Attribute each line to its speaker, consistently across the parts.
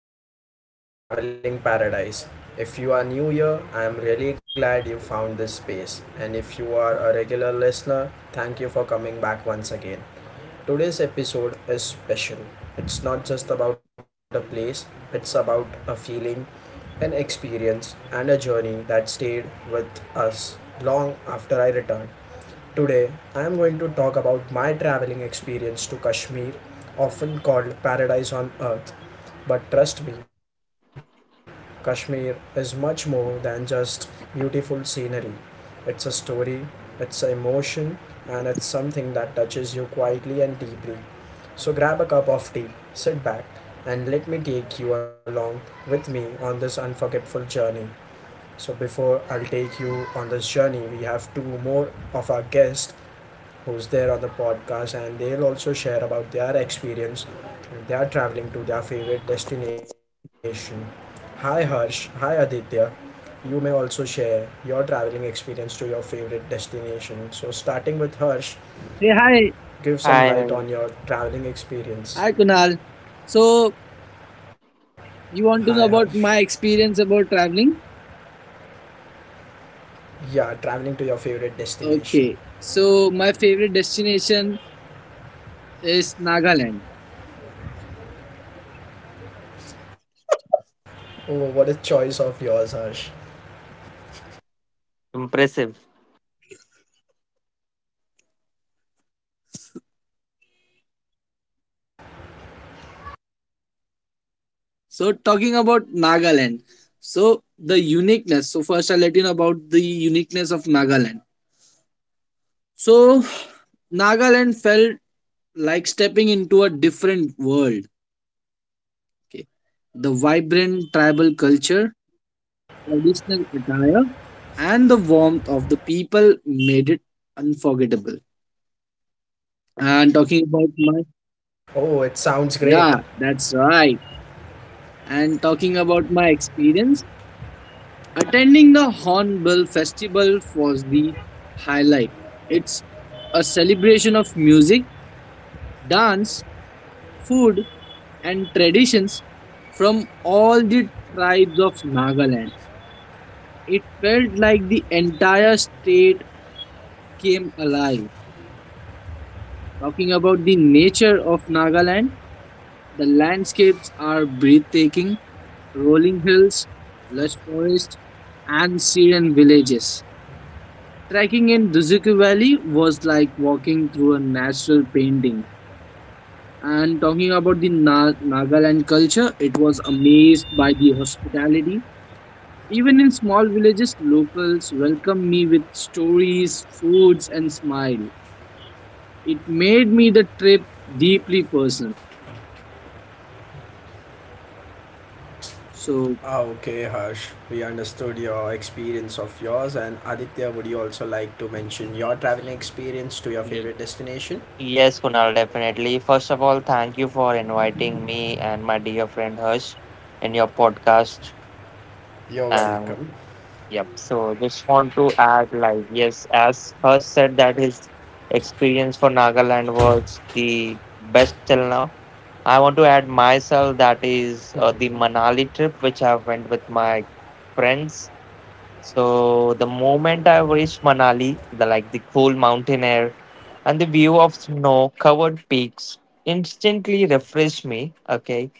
Speaker 1: to our podcast, Traveling Paradise. If you are new here, I am really glad you found this space. And if you are a regular listener, thank you for coming back once again. Today's episode is special. It's not just about a place, it's about a feeling, an experience, and a journey that stayed with us long after I returned. Today, I am going to talk about my traveling experience to Kashmir, often called paradise on earth. But trust me, Kashmir is much more than just beautiful scenery. It's a story, it's an emotion, and it's something that touches you quietly and deeply. So grab a cup of tea, sit back, and let me take you along with me on this unforgettable journey. So before I'll take you on this journey, we have two more of our guests who's there on the podcast, and they'll also share about their experience when they are traveling to their favorite destination. Hi Harsh, hi Aditya. You may also share your traveling experience to your favorite destination. So, starting with Harsh,
Speaker 2: Hey, hi.
Speaker 1: give some
Speaker 3: I
Speaker 1: light on your traveling
Speaker 2: Hi,
Speaker 1: experience.
Speaker 2: Kunal. So, you want to know
Speaker 1: Hi
Speaker 2: about
Speaker 1: Harsh.
Speaker 2: my experience about traveling?
Speaker 1: Yeah, traveling to your favorite
Speaker 2: Okay.
Speaker 1: destination.
Speaker 2: So, my favorite destination is Nagaland.
Speaker 1: Oh, what a choice of yours, Harsh.
Speaker 3: impressive.
Speaker 2: So, talking about Nagaland. So, the uniqueness. So, first I'll let you know about the uniqueness of Nagaland. So, Nagaland felt like stepping into a different world. Okay. The vibrant tribal culture, traditional attire, and the warmth of the people made it unforgettable. And talking about my,
Speaker 1: Oh, it sounds great.
Speaker 2: yeah, that's right. And talking about my experience, attending the Hornbill Festival was the highlight. It's a celebration of music, dance, food, and traditions from all the tribes of Nagaland. It felt like the entire state came alive. Talking about the nature of Nagaland, the landscapes are breathtaking rolling hills, lush forests, and serene villages. Trekking in Duzuku Valley was like walking through a natural painting. And talking about the Nagaland culture, it was amazed by the hospitality. Even in small villages, locals welcomed me with stories, foods, and smile. It made me the trip deeply personal. So,
Speaker 1: Ah, okay, Harsh, we understood your experience of yours. And Aditya, would you also like to mention your traveling experience to your
Speaker 3: Y-
Speaker 1: favorite destination?
Speaker 3: Yes, Kunal, definitely. First of all, thank you for inviting me and my dear friend Harsh in your podcast.
Speaker 1: You're
Speaker 3: And
Speaker 1: welcome.
Speaker 3: yep, so just want to add, like, yes, as Harsh said that his experience for Nagaland was the best till now. I want to add myself that is the Manali trip which I went with my friends. So the moment I reached Manali, like the cool mountain air and the view of snow-covered peaks instantly refreshed me. Okay,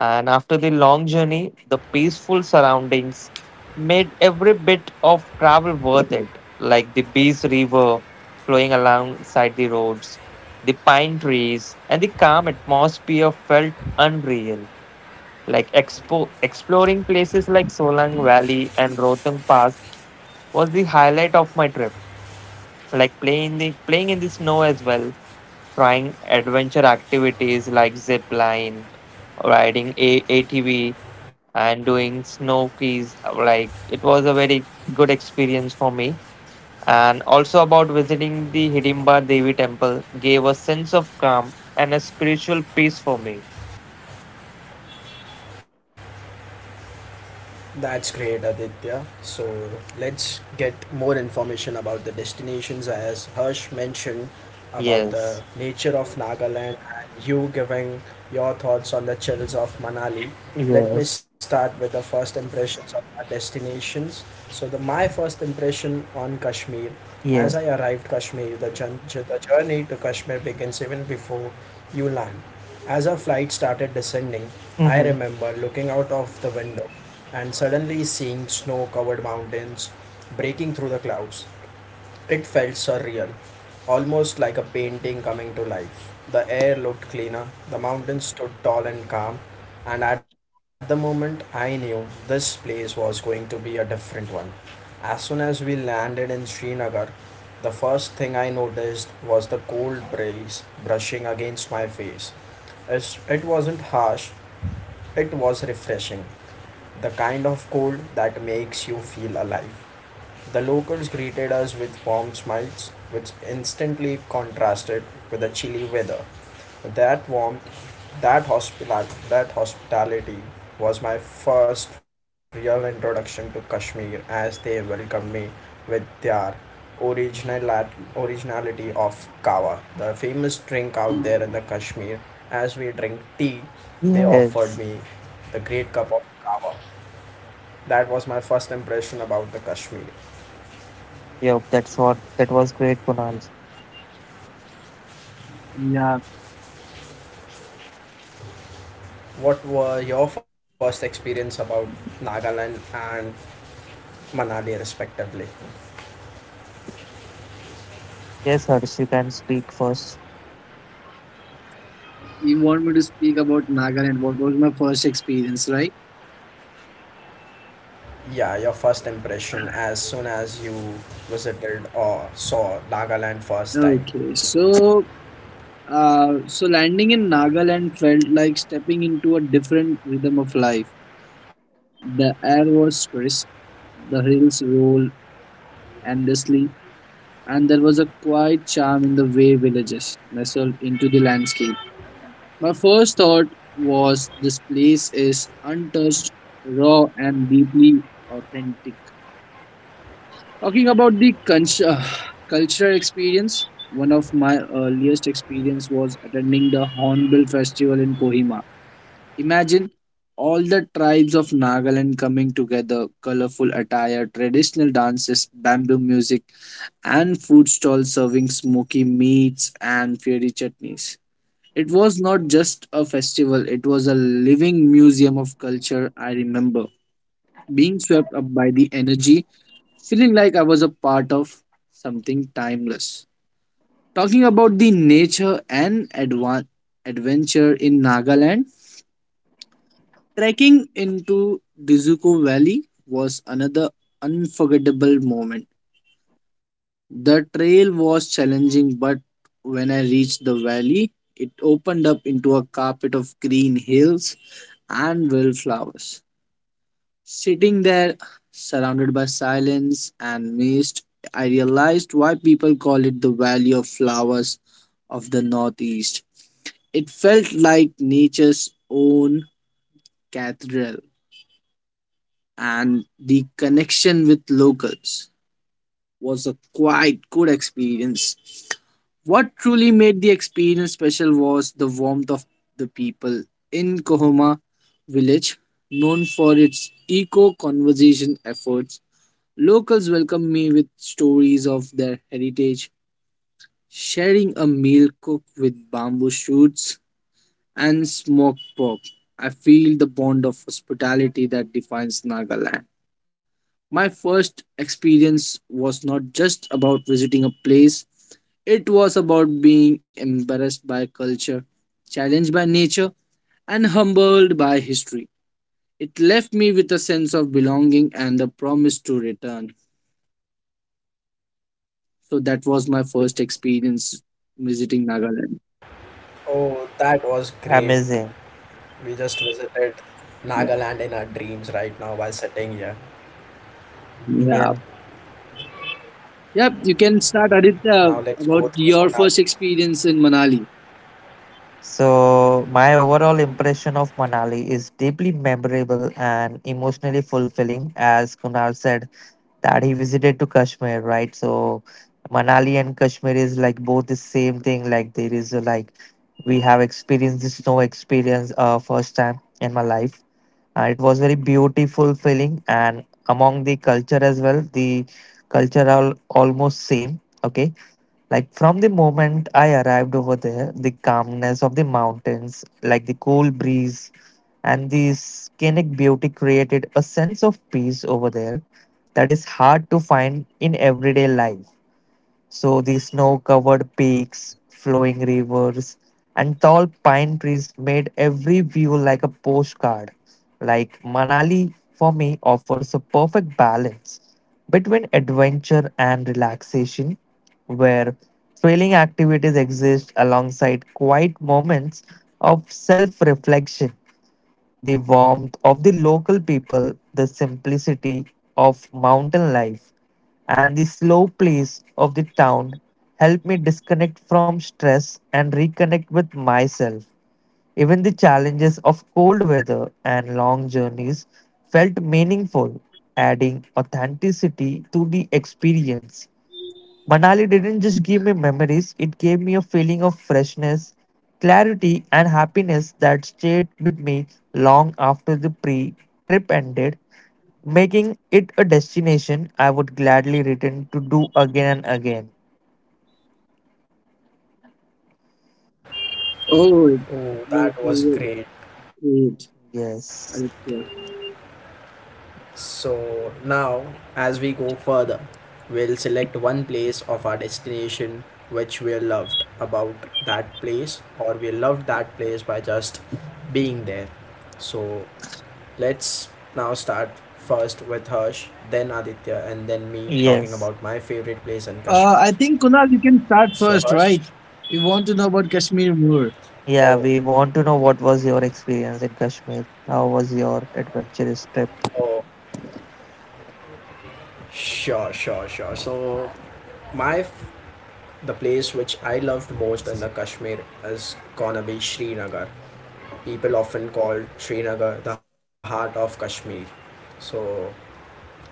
Speaker 3: and after the long journey, the peaceful surroundings made every bit of travel worth it. Like the Bees River flowing alongside the roads, the pine trees, and the calm atmosphere felt unreal. Like exploring places like Solang Valley and Rohtang Pass was the highlight of my trip. Like playing in the snow as well, trying adventure activities like zip line, riding ATV, and doing snow skis. Like it was a very good experience for me. And also about visiting the Hidimba Devi temple gave a sense of calm and a spiritual peace for me.
Speaker 1: That's great, Aditya. So let's get more information about the destinations as Harsh mentioned about
Speaker 3: Yes.
Speaker 1: the nature of Nagaland and you giving your thoughts on the chills of Manali. Let me
Speaker 3: Yes.
Speaker 1: start with the first impressions of our destinations. So the my first impression on Kashmir, as
Speaker 3: Yes.
Speaker 1: I arrived Kashmir, the journey to Kashmir begins even before you land. As our flight started descending, I
Speaker 3: Mm-hmm.
Speaker 1: remember looking out of the window and suddenly seeing snow covered mountains breaking through the clouds. It felt surreal, almost like a painting coming to life. The air looked cleaner, the mountains stood tall and calm, and at the moment I knew this place was going to be a different one. As soon as we landed in Srinagar, the first thing I noticed was the cold breeze brushing against my face. It wasn't harsh, it was refreshing, the kind of cold that makes you feel alive. The locals greeted us with warm smiles, which instantly contrasted with the chilly weather. That warmth, that hospitality was my first real introduction to Kashmir as they welcomed me with their original originality of kawa, the famous drink out there in the Kashmir. As we drink tea, they offered
Speaker 3: Yes.
Speaker 1: me the great cup of kawa. That was my first impression about the Kashmir.
Speaker 3: Yep. That's what. That was great, Kunal.
Speaker 2: yeah,
Speaker 1: What were your first experience about Nagaland and Manali respectively?
Speaker 3: Yes, Harsh, you can speak first.
Speaker 2: you want me to speak about Nagaland? What was my first experience, right?
Speaker 1: Yeah, your first impression as soon as you visited or saw Nagaland first time.
Speaker 2: Okay, so so landing in Nagaland felt like stepping into a different rhythm of life. The air was crisp, the hills rolled endlessly, and there was a quiet charm in the way villages nestled into the landscape. My first thought was this place is untouched, raw, and deeply authentic. Talking about the cultural experience, one of my earliest experience was attending the Hornbill Festival in Kohima. Imagine all the tribes of Nagaland coming together, colorful attire, traditional dances, bamboo music, and food stalls serving smoky meats and fiery chutneys. It was not just a festival, it was a living museum of culture. I remember being swept up by the energy, feeling like I was a part of something timeless. Talking about the nature and adventure in Nagaland, trekking into Dizuko Valley was another unforgettable moment. The trail was challenging, but when I reached the valley, it opened up into a carpet of green hills and wildflowers. Sitting there, surrounded by silence and mist, I realized why people call it the Valley of Flowers of the Northeast. It felt like nature's own cathedral, and the connection with locals was a quite good experience. What truly made the experience special was the warmth of the people in Kohoma village, known for its eco conservation efforts. Locals welcomed me with stories of their heritage, sharing a meal cooked with bamboo shoots and smoked pork. I feel the bond of hospitality that defines Nagaland. My first experience was not just about visiting a place, it was about being embarrassed by culture, challenged by nature, and humbled by history. It left me with a sense of belonging and the promise to return. So that was my first experience visiting Nagaland.
Speaker 1: Oh, that was great.
Speaker 3: Amazing.
Speaker 1: We just visited
Speaker 2: Yeah.
Speaker 1: Nagaland in our dreams right now while sitting here.
Speaker 2: Yeah.
Speaker 3: Yeah.
Speaker 2: Yep. You can start, Aditya,
Speaker 1: Now let's
Speaker 2: about
Speaker 1: go through
Speaker 2: your first
Speaker 1: Manali.
Speaker 2: experience in Manali.
Speaker 3: So, my overall impression of Manali is deeply memorable and emotionally fulfilling, as Kunal said that he visited to Kashmir, right? So, Manali and Kashmir is like both the same thing. Like, there is a, like, we have experienced the snow experience first time in my life. It was very beautiful feeling, and among the culture as well, the culture are almost same. Okay. Like from the moment I arrived over there, the calmness of the mountains, like the cool breeze and the scenic beauty created a sense of peace over there that is hard to find in everyday life. So the snow-covered peaks, flowing rivers, and tall pine trees made every view like a postcard. Like Manali for me offers a perfect balance between adventure and relaxation, where thrilling activities exist alongside quiet moments of self-reflection, the warmth of the local people, the simplicity of mountain life, and the slow pace of the town help me disconnect from stress and reconnect with myself. Even the challenges of cold weather and long journeys felt meaningful, adding authenticity to the experience. Manali didn't just give me memories, it gave me a feeling of freshness, clarity, and happiness that stayed with me long after the pre trip ended, making it a destination I would gladly return to do again and again.
Speaker 2: Oh, it was really
Speaker 1: Oh, that
Speaker 2: great,
Speaker 1: was great.
Speaker 3: Yes.
Speaker 2: Aditya.
Speaker 1: So now, as we go further, we'll select one place of our destination which we loved about that place, or we loved that place by just being there. So let's now start first with Harsh, then Aditya, and then me talking
Speaker 3: Yes.
Speaker 1: about my favorite place in Kashmir.
Speaker 2: I think Kunal, you can start
Speaker 1: So
Speaker 2: first,
Speaker 1: Harsh,
Speaker 2: right? You want to know about Kashmir more.
Speaker 3: Yeah,
Speaker 1: oh,
Speaker 3: we want to know what was your experience in Kashmir? How was your adventurous trip?
Speaker 1: oh, sure, sure. So my f- the place which I loved most in the Kashmir is gonna be Srinagar. People often called Srinagar the heart of Kashmir. So,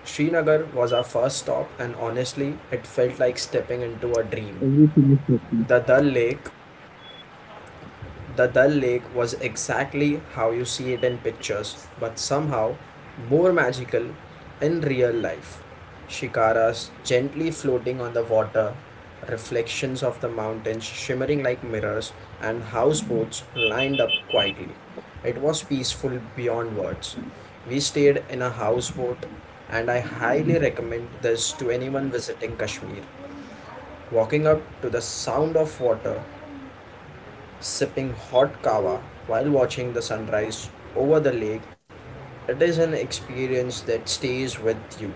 Speaker 1: Srinagar was our first stop, and honestly, it felt like stepping into a dream.
Speaker 2: Everything is Kashmir.
Speaker 1: The Dal Lake the Dal Lake was exactly how you see it in pictures, but somehow more magical in real life. Shikaras gently floating on the water, reflections of the mountains shimmering like mirrors, and houseboats lined up quietly. It was peaceful beyond words. We stayed in a houseboat, and I highly recommend this to anyone visiting Kashmir. Walking up to the sound of water, sipping hot kava while watching the sunrise over the lake, it is an experience that stays with you.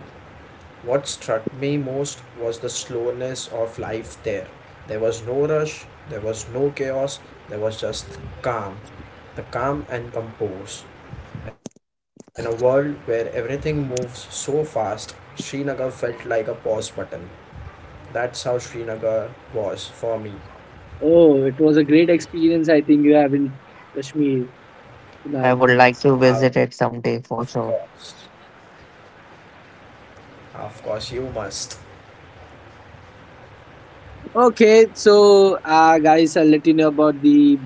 Speaker 1: What struck me most was the slowness of life there. There was no rush, there was no chaos, there was just calm. The calm and compose. In a world where everything moves so fast, Srinagar felt like a pause button. That's how Srinagar was for me.
Speaker 2: Oh, it was a great experience. I think you have in Kashmir,
Speaker 3: I
Speaker 2: Kunal.
Speaker 3: would like to visit it someday for
Speaker 1: Of
Speaker 3: sure.
Speaker 1: course. Of course, you must.
Speaker 2: Okay, so guys, I'll let you know about the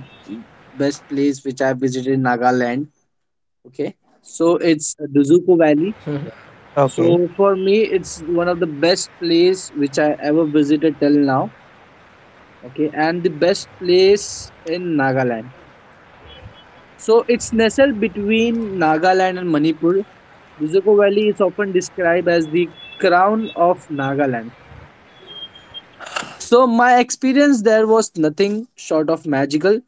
Speaker 2: best place which I visited in Nagaland. Okay, so it's the Zuko Valley.
Speaker 3: Okay.
Speaker 2: So for me, it's one of the best place which I ever visited till now. Okay, and the best place in Nagaland. So it's nestled between Nagaland and Manipur. The Zuko Valley is often described as the crown of Nagaland. So my experience there was nothing short of magical,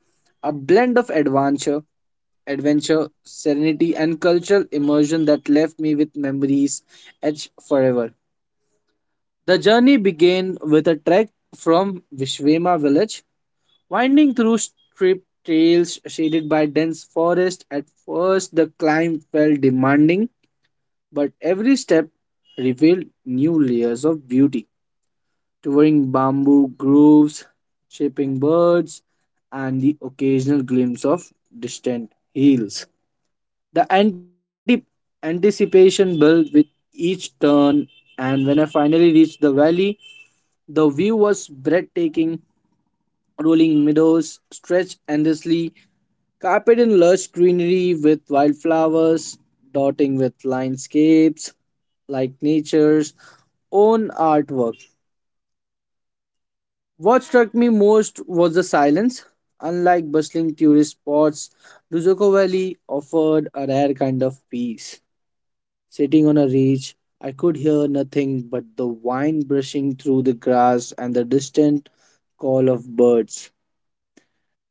Speaker 2: a blend of adventure, serenity, and cultural immersion that left me with memories etched forever. The journey began with a trek from Vishwema village, winding through steep trails shaded by dense forest. At first, the climb felt demanding, but every step revealed new layers of beauty. Touring bamboo groves, chirping birds, and the occasional glimpse of distant hills. The anticipation built with each turn, and when I finally reached the valley, the view was breathtaking. Rolling meadows stretched endlessly, carpeted in lush greenery with wildflowers, dotting with landscapes like nature's own artwork. What struck me most was the silence. Unlike bustling tourist spots, Duzuko Valley offered a rare kind of peace. Sitting on a ridge, I could hear nothing but the wind brushing through the grass and the distant call of birds.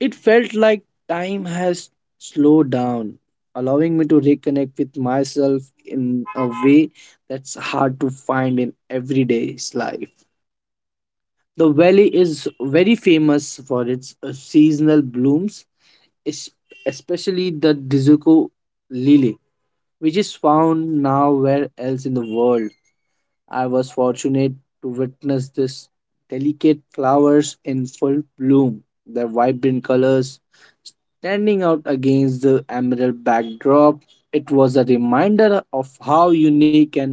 Speaker 2: It felt like time has slowed down, allowing me to reconnect with myself in a way that's hard to find in everyday's life. The valley is very famous for its seasonal blooms, es- especially the Dizuko lily, which is found nowhere else in the world. I was fortunate to witness this delicate flowers in full bloom, their vibrant colors standing out against the emerald backdrop. It was a reminder of how unique and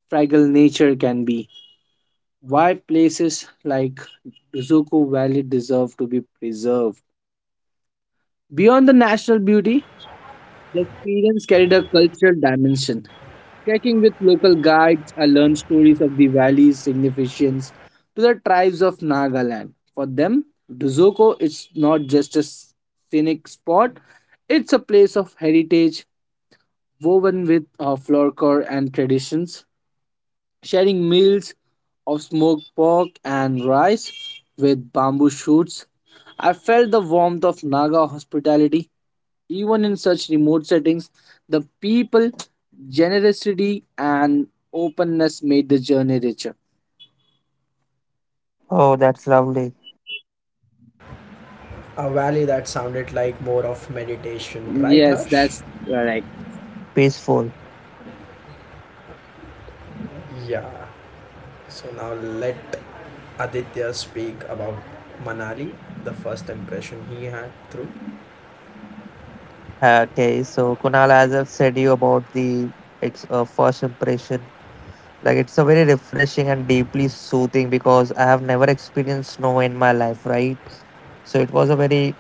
Speaker 2: fragile nature can be. Why places like Zuko Valley deserve to be preserved. Beyond the national beauty, the experience carried a cultural dimension. Trekking with local guides, I learned stories of the valley's significance to the tribes of Nagaland. For them, Duzoko is not just a scenic spot, it's a place of heritage woven with folklore and traditions, sharing meals of smoked pork and rice with bamboo shoots. I felt the warmth of Naga hospitality. Even in such remote settings, the people generosity and openness made the journey richer.
Speaker 3: Oh, that's lovely.
Speaker 1: A valley that sounded like more of meditation, right,
Speaker 2: Yes,
Speaker 1: Harsh?
Speaker 2: that's correct.
Speaker 3: Peaceful.
Speaker 1: Yeah. So now let Aditya speak about Manali, the first impression he had through.
Speaker 3: Okay, so Kunal, as I've said you about the first impression, like it's a very refreshing and deeply soothing because I have never experienced snow in my life, right? So it was a very,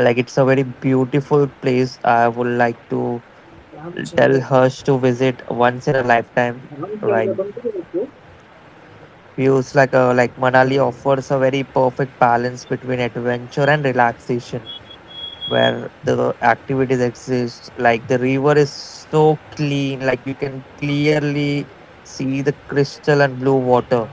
Speaker 3: like it's a very beautiful place. I would like to tell Harsh to visit once in a lifetime, right? Feels like a, like Manali
Speaker 1: Mhm.
Speaker 3: offers a very perfect balance between adventure and relaxation, where the activities exist, like the river is so clean, like you can clearly see the crystal and blue water,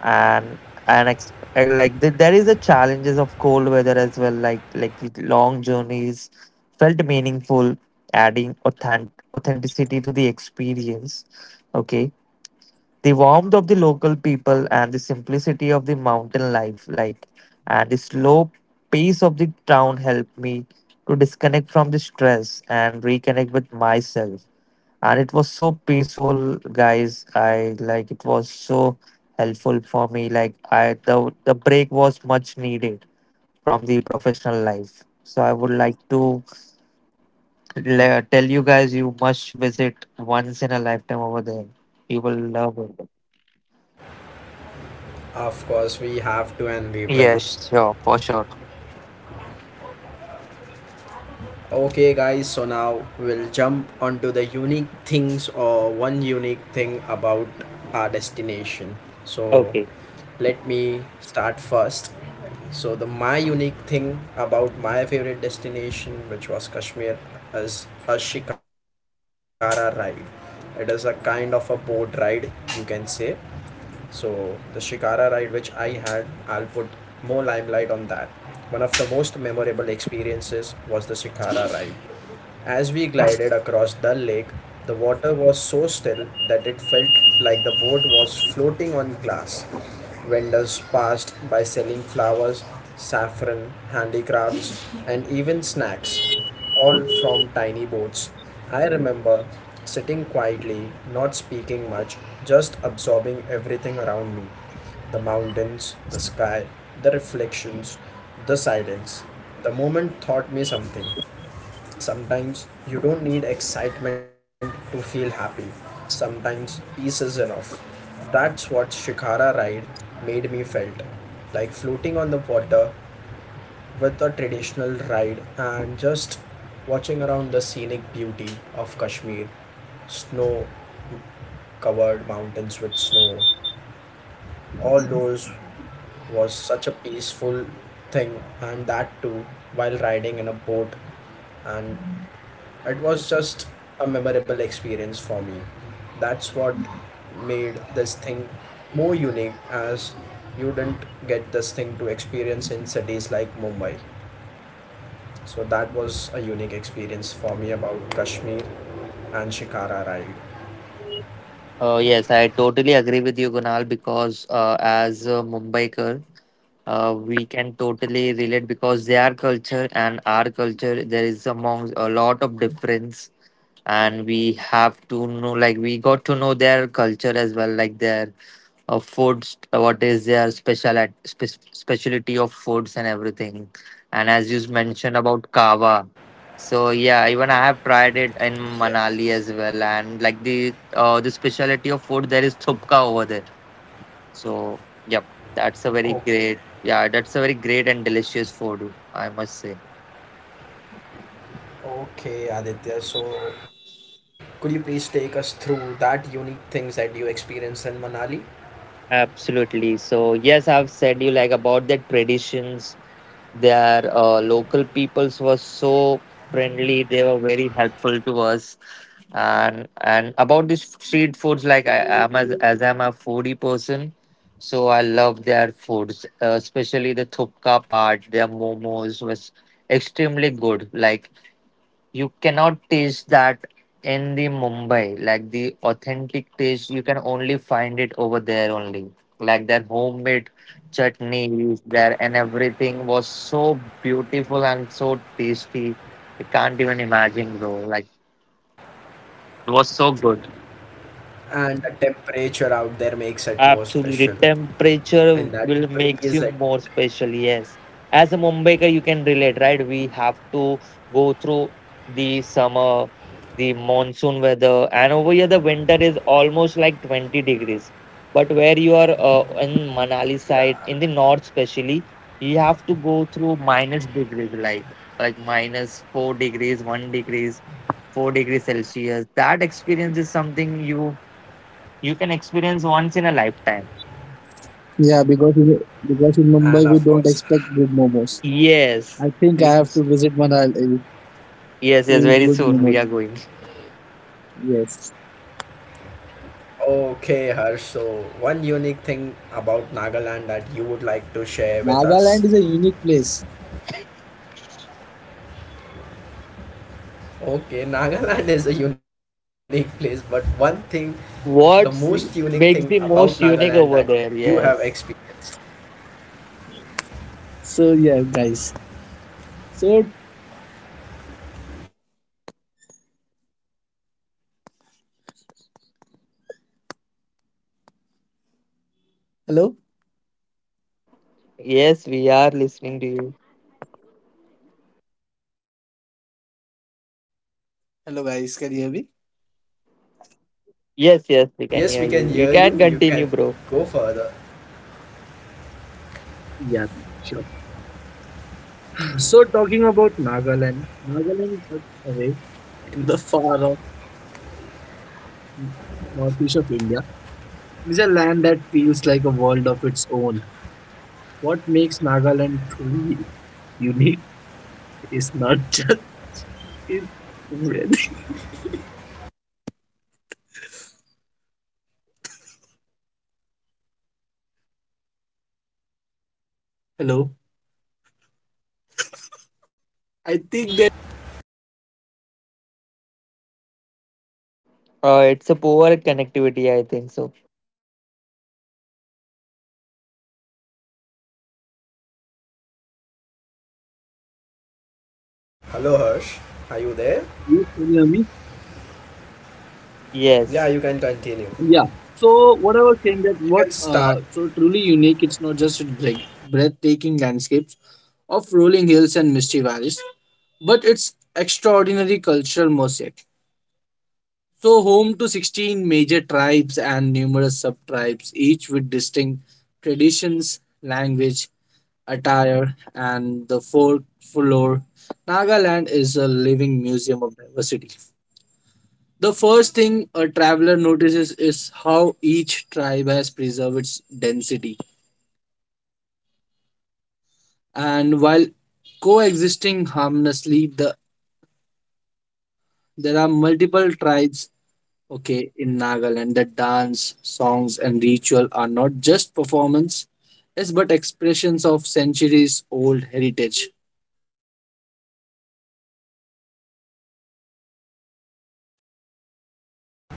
Speaker 3: and and and like the, there is a challenges of cold weather as well, like the long journeys felt meaningful, adding authenticity to the experience. Okay, the warmth of the local people and the simplicity of the mountain life, like, and the slow pace of the town helped me to disconnect from the stress and reconnect with myself. And it was so peaceful, guys. I like it was so helpful for me. Like, I the break was much needed from the professional life. So I would like to tell you guys you must visit once in a lifetime over there. You will love it.
Speaker 1: Of course, we have to and we will.
Speaker 3: Yes, sure, for sure.
Speaker 1: Okay, guys, so now we'll jump onto the unique things or one unique thing about our destination. So
Speaker 3: Okay.
Speaker 1: let me start first. So the my unique thing about my favorite destination, which was Kashmir, is a Shikara ride. It is a kind of a boat ride, you can say. So the Shikara ride which I had, I'll put more limelight on that. One of the most memorable experiences was the Shikara ride. As we glided across the Lake, the water was so still that it felt like the boat was floating on glass. Vendors passed by selling flowers, saffron, handicrafts, and even snacks, all from tiny boats. I remember sitting quietly, not speaking much, just absorbing everything around me, the mountains, the sky, the reflections, the silence. The moment taught me something. Sometimes you don't need excitement to feel happy. Sometimes peace is enough. That's what Shikara ride made me felt. Like floating on the water with a traditional ride and just watching around the scenic beauty of Kashmir. Snow covered mountains with snow. All those was such a peaceful thing, and that too while riding in a boat, and it was just a memorable experience for me. That's what made this thing more unique, as you didn't get this thing to experience in cities like Mumbai. So that was a unique experience for me about Kashmir and Shikara ride.
Speaker 3: Yes, I totally agree with you, Gunal, because as a Mumbaiker, we can totally relate because their culture and our culture, there is among a lot of difference, and we have to know, like we got to know their culture as well, like their foods, what is their specialty of foods and everything. And as you mentioned about kava, so yeah, even I have tried it in
Speaker 1: Yes.
Speaker 3: Manali as well. And like the specialty of food there is thupka over there. So yep that's a
Speaker 1: Okay,
Speaker 3: very great, that's a very great and delicious food, I must say.
Speaker 1: okay, Aditya. So, could you please take us through that unique things that you experienced in Manali?
Speaker 3: Absolutely. So yes, I've said you like about their traditions. Their local peoples were so friendly. They were very helpful to us. And about these street foods, like I am, as I'm a foodie person, so I love their foods, especially the thupka part. Their momos was extremely good. Like you cannot taste that in the Mumbai. Like the authentic taste, you can only find it over there only. Like their homemade chutneys there and everything was so beautiful and so tasty. I can't even imagine, bro. Like it was so good.
Speaker 1: And the temperature out there makes it more special,
Speaker 3: Absolutely.
Speaker 1: and
Speaker 3: Temperature
Speaker 1: that
Speaker 3: will
Speaker 1: breeze
Speaker 3: makes you
Speaker 1: it.
Speaker 3: more special. Yes. As a Mumbaikar, you can relate, right? We have to go through the summer, the monsoon weather, and over here the winter is almost like 20 degrees. But where you are in Manali side,
Speaker 1: Yeah,
Speaker 3: in the north especially, you have to go through minus degrees, like minus 4 degrees, 1 degrees, 4 degrees Celsius. That experience is something you can experience once in a lifetime.
Speaker 2: Yeah, because in
Speaker 1: and
Speaker 2: Mumbai
Speaker 1: of
Speaker 2: we don't
Speaker 1: course.
Speaker 2: expect good momos.
Speaker 3: Yes,
Speaker 2: I think I have
Speaker 3: which
Speaker 2: to visit Manali.
Speaker 3: yes,
Speaker 2: Feel
Speaker 3: very
Speaker 2: good
Speaker 3: soon we are
Speaker 2: moment.
Speaker 3: going.
Speaker 2: Yes.
Speaker 1: Okay, Harsh. So, one unique thing about Nagaland that you would like to share with us.
Speaker 2: Nagaland is a unique place.
Speaker 1: Okay, Nagaland is a unique place, but one thing, the most unique
Speaker 3: What
Speaker 1: thing about
Speaker 3: makes the
Speaker 1: Nagaland
Speaker 3: most
Speaker 1: that
Speaker 3: unique
Speaker 1: you
Speaker 3: over
Speaker 1: have
Speaker 3: there? Yes,
Speaker 1: experienced.
Speaker 2: So yeah, guys. So hello.
Speaker 3: yes, we are listening to you.
Speaker 2: Hello guys, can you hear me?
Speaker 3: Yes, we can
Speaker 1: Yes,
Speaker 3: hear
Speaker 1: we can
Speaker 3: you. You
Speaker 1: hear
Speaker 3: can
Speaker 1: you. You can
Speaker 3: continue, bro.
Speaker 1: go further.
Speaker 2: Yeah, sure. So talking about Nagaland, Nagaland is tucked away in the far off northeast of India. It's a land that feels like a world of its own. What makes Nagaland truly unique is not just its weather. Hello. I think that
Speaker 3: It's a poor connectivity, I think so.
Speaker 1: Hello, Harsh. Are you there?
Speaker 2: you can you hear me.
Speaker 1: Yeah,
Speaker 3: Yes,
Speaker 1: you can continue.
Speaker 2: Yeah. So what I was saying that
Speaker 1: You
Speaker 2: what
Speaker 1: can start.
Speaker 2: so truly unique, it's not just breathtaking landscapes of rolling hills and misty valleys, but it's extraordinary cultural mosaic. So home to 16 major tribes and numerous sub-tribes, each with distinct traditions, language, attire, and the folklore. Nagaland is a living museum of diversity. The first thing a traveler notices is how each tribe has preserved its density. And while coexisting harmlessly, there are multiple tribes okay in Nagaland. The dance, songs and ritual are not just performance, yes, but expressions of centuries old heritage. The diversity is most vividly displayed during the Hornbill Festival.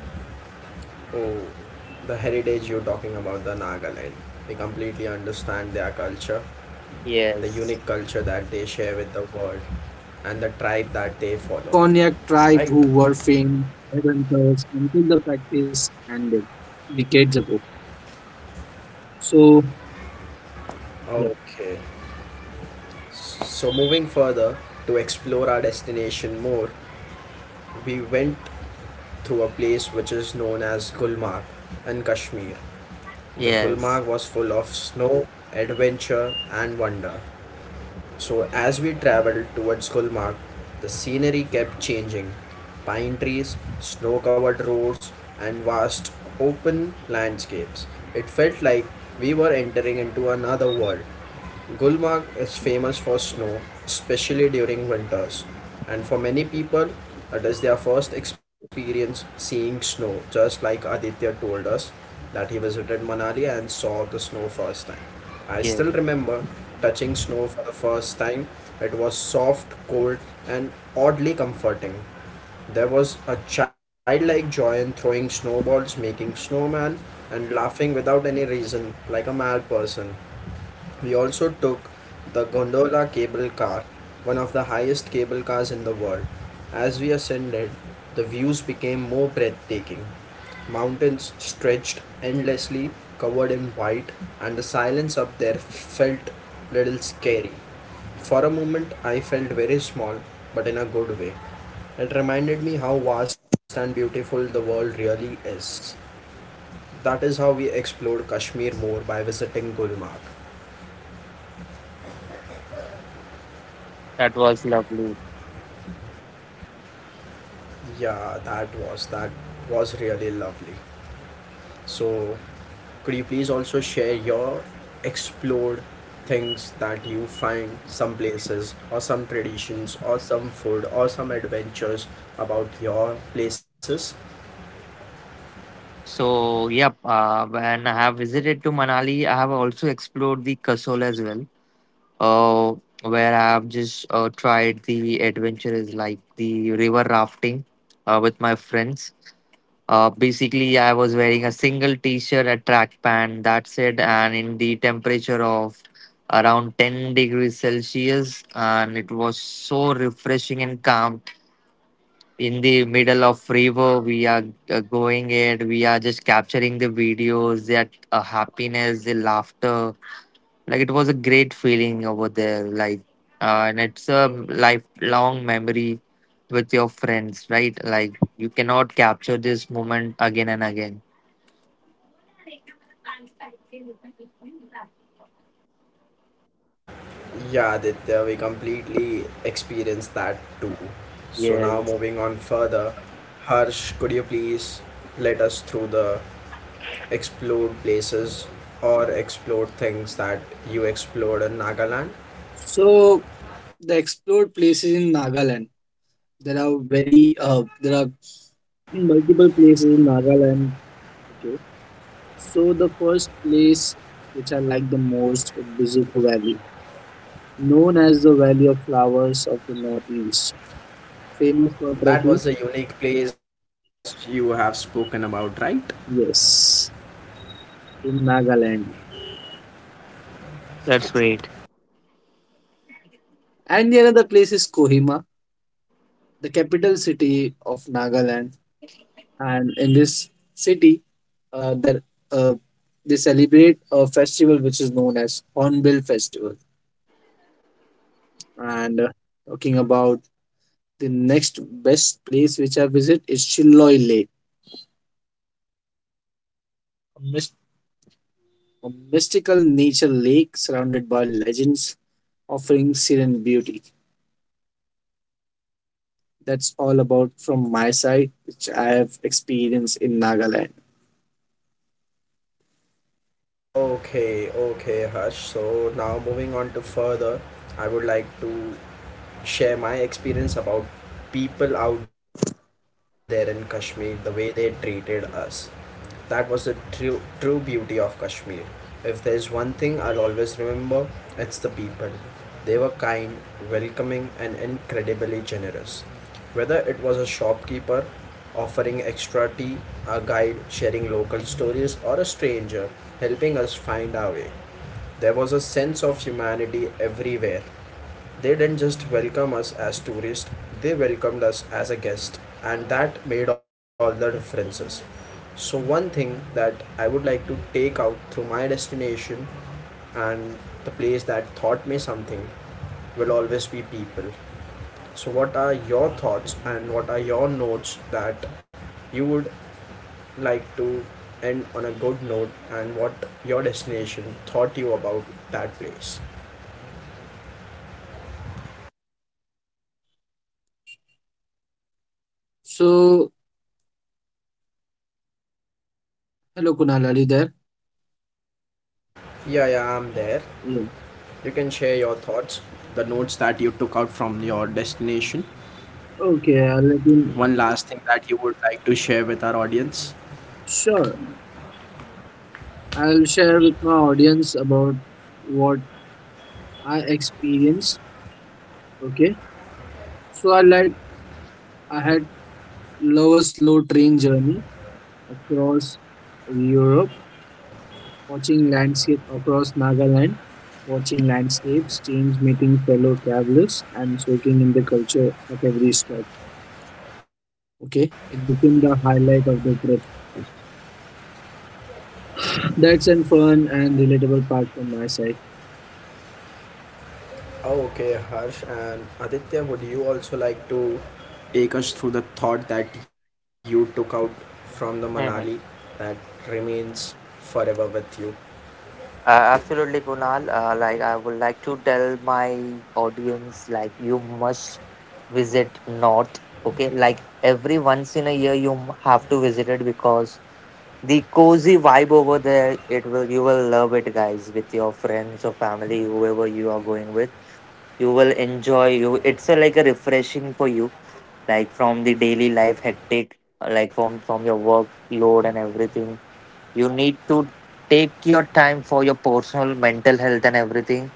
Speaker 1: Oh,
Speaker 2: Okay. Another
Speaker 1: the
Speaker 2: unique
Speaker 1: heritage you're
Speaker 2: aspect in
Speaker 1: talking
Speaker 2: the
Speaker 1: about, the
Speaker 2: state history,
Speaker 1: Nagaland. They completely
Speaker 2: Nagaland was
Speaker 1: understand their
Speaker 2: once
Speaker 1: culture,
Speaker 2: known as a
Speaker 1: the
Speaker 3: yes,
Speaker 2: fierce
Speaker 1: unique culture
Speaker 2: warrior
Speaker 1: that they share with
Speaker 2: traditions,
Speaker 1: the world and the tribe that they
Speaker 2: particularly the
Speaker 1: follow,
Speaker 2: Konyak tribe who
Speaker 1: right?
Speaker 2: were famed for hunters until the practice ended decades ago. So, yep.
Speaker 1: Okay. So, moving further to explore our destination more, we went through a place which is known as Gulmarg in Kashmir. The
Speaker 3: yes,
Speaker 1: Gulmarg was full of snow, adventure, and wonder. So, as we traveled towards Gulmarg, the scenery kept changing. Pine trees, snow covered roads, and vast open landscapes. It felt like we were entering into another world. Gulmarg is famous for snow, especially during winters, and for many people, it is their first experience seeing snow, just like Aditya told us that he visited Manali and saw the snow first time. I
Speaker 3: yes.
Speaker 1: still remember touching snow for the first time. It was soft, cold, and oddly comforting. There was a childlike joy in throwing snowballs, making snowman, and laughing without any reason, like a mad person. We also took the gondola cable car, one of the highest cable cars in the world. As we ascended, the views became more breathtaking. Mountains stretched endlessly, covered in white, and the silence up there felt little scary. For a moment, I felt very small, but in a good way. It reminded me how vast and beautiful the world really is. That is how we explored Kashmir more by visiting Gulmarg.
Speaker 3: That was lovely.
Speaker 1: Yeah, that was really lovely. So, could you please also share your explored things that you find some places or some traditions or some food or some adventures about your places?
Speaker 3: So, yep. When I have visited to Manali, I have also explored the Kasol as well. uh, where I've just tried the adventure is like the river rafting with my friends. Basically, I was wearing a single T-shirt, a track pant, that's it, and in the temperature of around 10 degrees Celsius, and it was so refreshing and calm. In the middle of river, we are going it. We are just capturing the videos, that happiness, the laughter, like it was a great feeling over there. Like, and it's a lifelong memory with your friends, right? Like you cannot capture this moment again and again.
Speaker 1: Yeah, Aditya, we completely experienced that too. So now
Speaker 3: Yes.
Speaker 1: moving on further, Harsh, could you please let us through the explored places or explored things that you explored in Nagaland?
Speaker 2: So the explored places in Nagaland. There are very there are multiple places in Nagaland. Okay. So the first place which I like the most is Bizuko Valley, known as the Valley of Flowers of the Northeast, famous for trekking.
Speaker 1: That was a unique place you have spoken about, right?
Speaker 2: Yes, in Nagaland.
Speaker 3: That's great.
Speaker 2: And the another place is Kohima, the capital city of Nagaland. And in this city, there uh, they celebrate a festival which is known as Hornbill Festival. And talking about the next best place which I visit is Chiloy Lake, a, mys- a mystical nature lake surrounded by legends, offering serene beauty. That's all about from my side, which I have experienced in Nagaland.
Speaker 1: Okay, okay, Harsh. So now moving on to further, I would like to share my experience about people out there in Kashmir, the way they treated us. That was the true beauty of Kashmir. If there's one thing I'll always remember, it's the people. They were kind, welcoming, and incredibly generous. Whether it was a shopkeeper offering extra tea, a guide sharing local stories, or a stranger helping us find our way, there was a sense of humanity everywhere. They didn't just welcome us as tourists, they welcomed us as a guest, and that made all the differences. So, one thing that I would like to take out through my destination and the place that taught me something will always be people. So, what are your thoughts and what are your notes that you would like to end on a good note, and what your destination taught you about that place?
Speaker 2: So, hello Kunal, are you there?
Speaker 1: Yeah, yeah, I'm there.
Speaker 2: Yeah.
Speaker 1: You can share your thoughts, the notes that you took out from your destination.
Speaker 2: Okay, I'll let you.
Speaker 1: One last thing that you would like to share with our audience.
Speaker 2: Sure, I'll share with my audience about what I experienced. Okay, so I like I had love a slow train journey across Europe, watching landscape across Nagaland, watching landscapes change, meeting fellow travelers, and soaking in the culture at every stop. Okay, it became the highlight of the trip. That's a fun and relatable part from my side.
Speaker 1: Oh, okay, Harsh and Aditya, would you also like to take us through the thought that you took out from the
Speaker 3: Mm-hmm.
Speaker 1: Manali that remains forever with you?
Speaker 3: Absolutely, Kunal. Like I would like to tell my audience, like you must visit North. Okay, like every once in a year you have to visit it, because the cozy vibe over there, it will, you will love it, guys. With your friends or family, whoever you are going with, you will enjoy. You It's a, like a refreshing for you, like from the daily life hectic, like from your workload and everything, you need to take your time for your personal mental health and everything.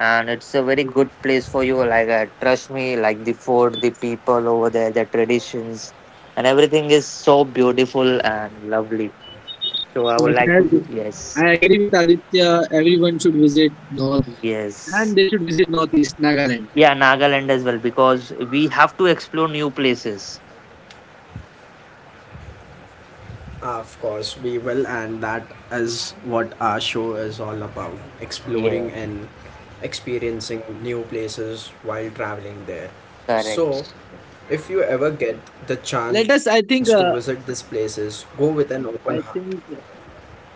Speaker 3: And it's a very good place for you, like, trust me, like the food, the people over there, the traditions and everything is so beautiful and lovely. So I would
Speaker 2: Yes,
Speaker 3: like
Speaker 2: as
Speaker 3: to, yes,
Speaker 2: I agree with Aditya. Everyone should visit North,
Speaker 3: yes,
Speaker 2: and they should visit Northeast Nagaland.
Speaker 3: yeah, Nagaland as well, because we have to explore new places.
Speaker 1: Of course, we will, and that is what our show is all about, exploring
Speaker 3: Yeah,
Speaker 1: and experiencing new places while traveling there. So,
Speaker 3: correct.
Speaker 1: if you ever get the chance
Speaker 2: Let
Speaker 1: to
Speaker 2: us. I
Speaker 1: visit
Speaker 2: think.
Speaker 1: these
Speaker 2: Uh,
Speaker 1: places, go with an open heart,
Speaker 2: I think. uh,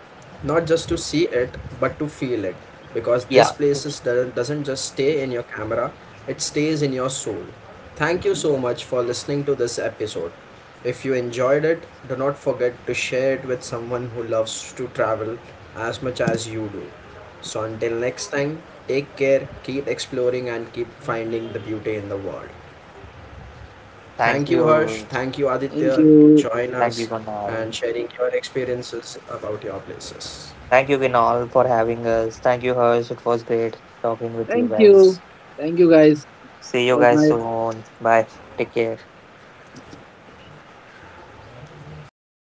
Speaker 1: not just to see it but to feel it, because this
Speaker 3: Yeah.
Speaker 1: place is, doesn't just stay in your camera, it stays in your soul. Thank you so
Speaker 3: Yeah.
Speaker 1: much for listening to this episode. If you enjoyed it, do not forget to share it with someone who loves to travel as much as you do. So until next time, take care, keep exploring, and keep finding the beauty in the world.
Speaker 3: Thank
Speaker 1: Thank you, Harsh,
Speaker 3: you,
Speaker 1: thank you,
Speaker 2: Thank
Speaker 1: Aditya, to
Speaker 2: you.
Speaker 1: join us
Speaker 3: Kunal.
Speaker 1: and sharing your experiences about your places.
Speaker 3: Thank you, Vinal, for having us. Thank you, Harsh. It was great talking with you
Speaker 2: Thank you.
Speaker 3: guys.
Speaker 2: Thank you, guys.
Speaker 3: See
Speaker 2: It
Speaker 3: you
Speaker 2: was
Speaker 3: guys
Speaker 2: my
Speaker 3: soon. Bye. Take care.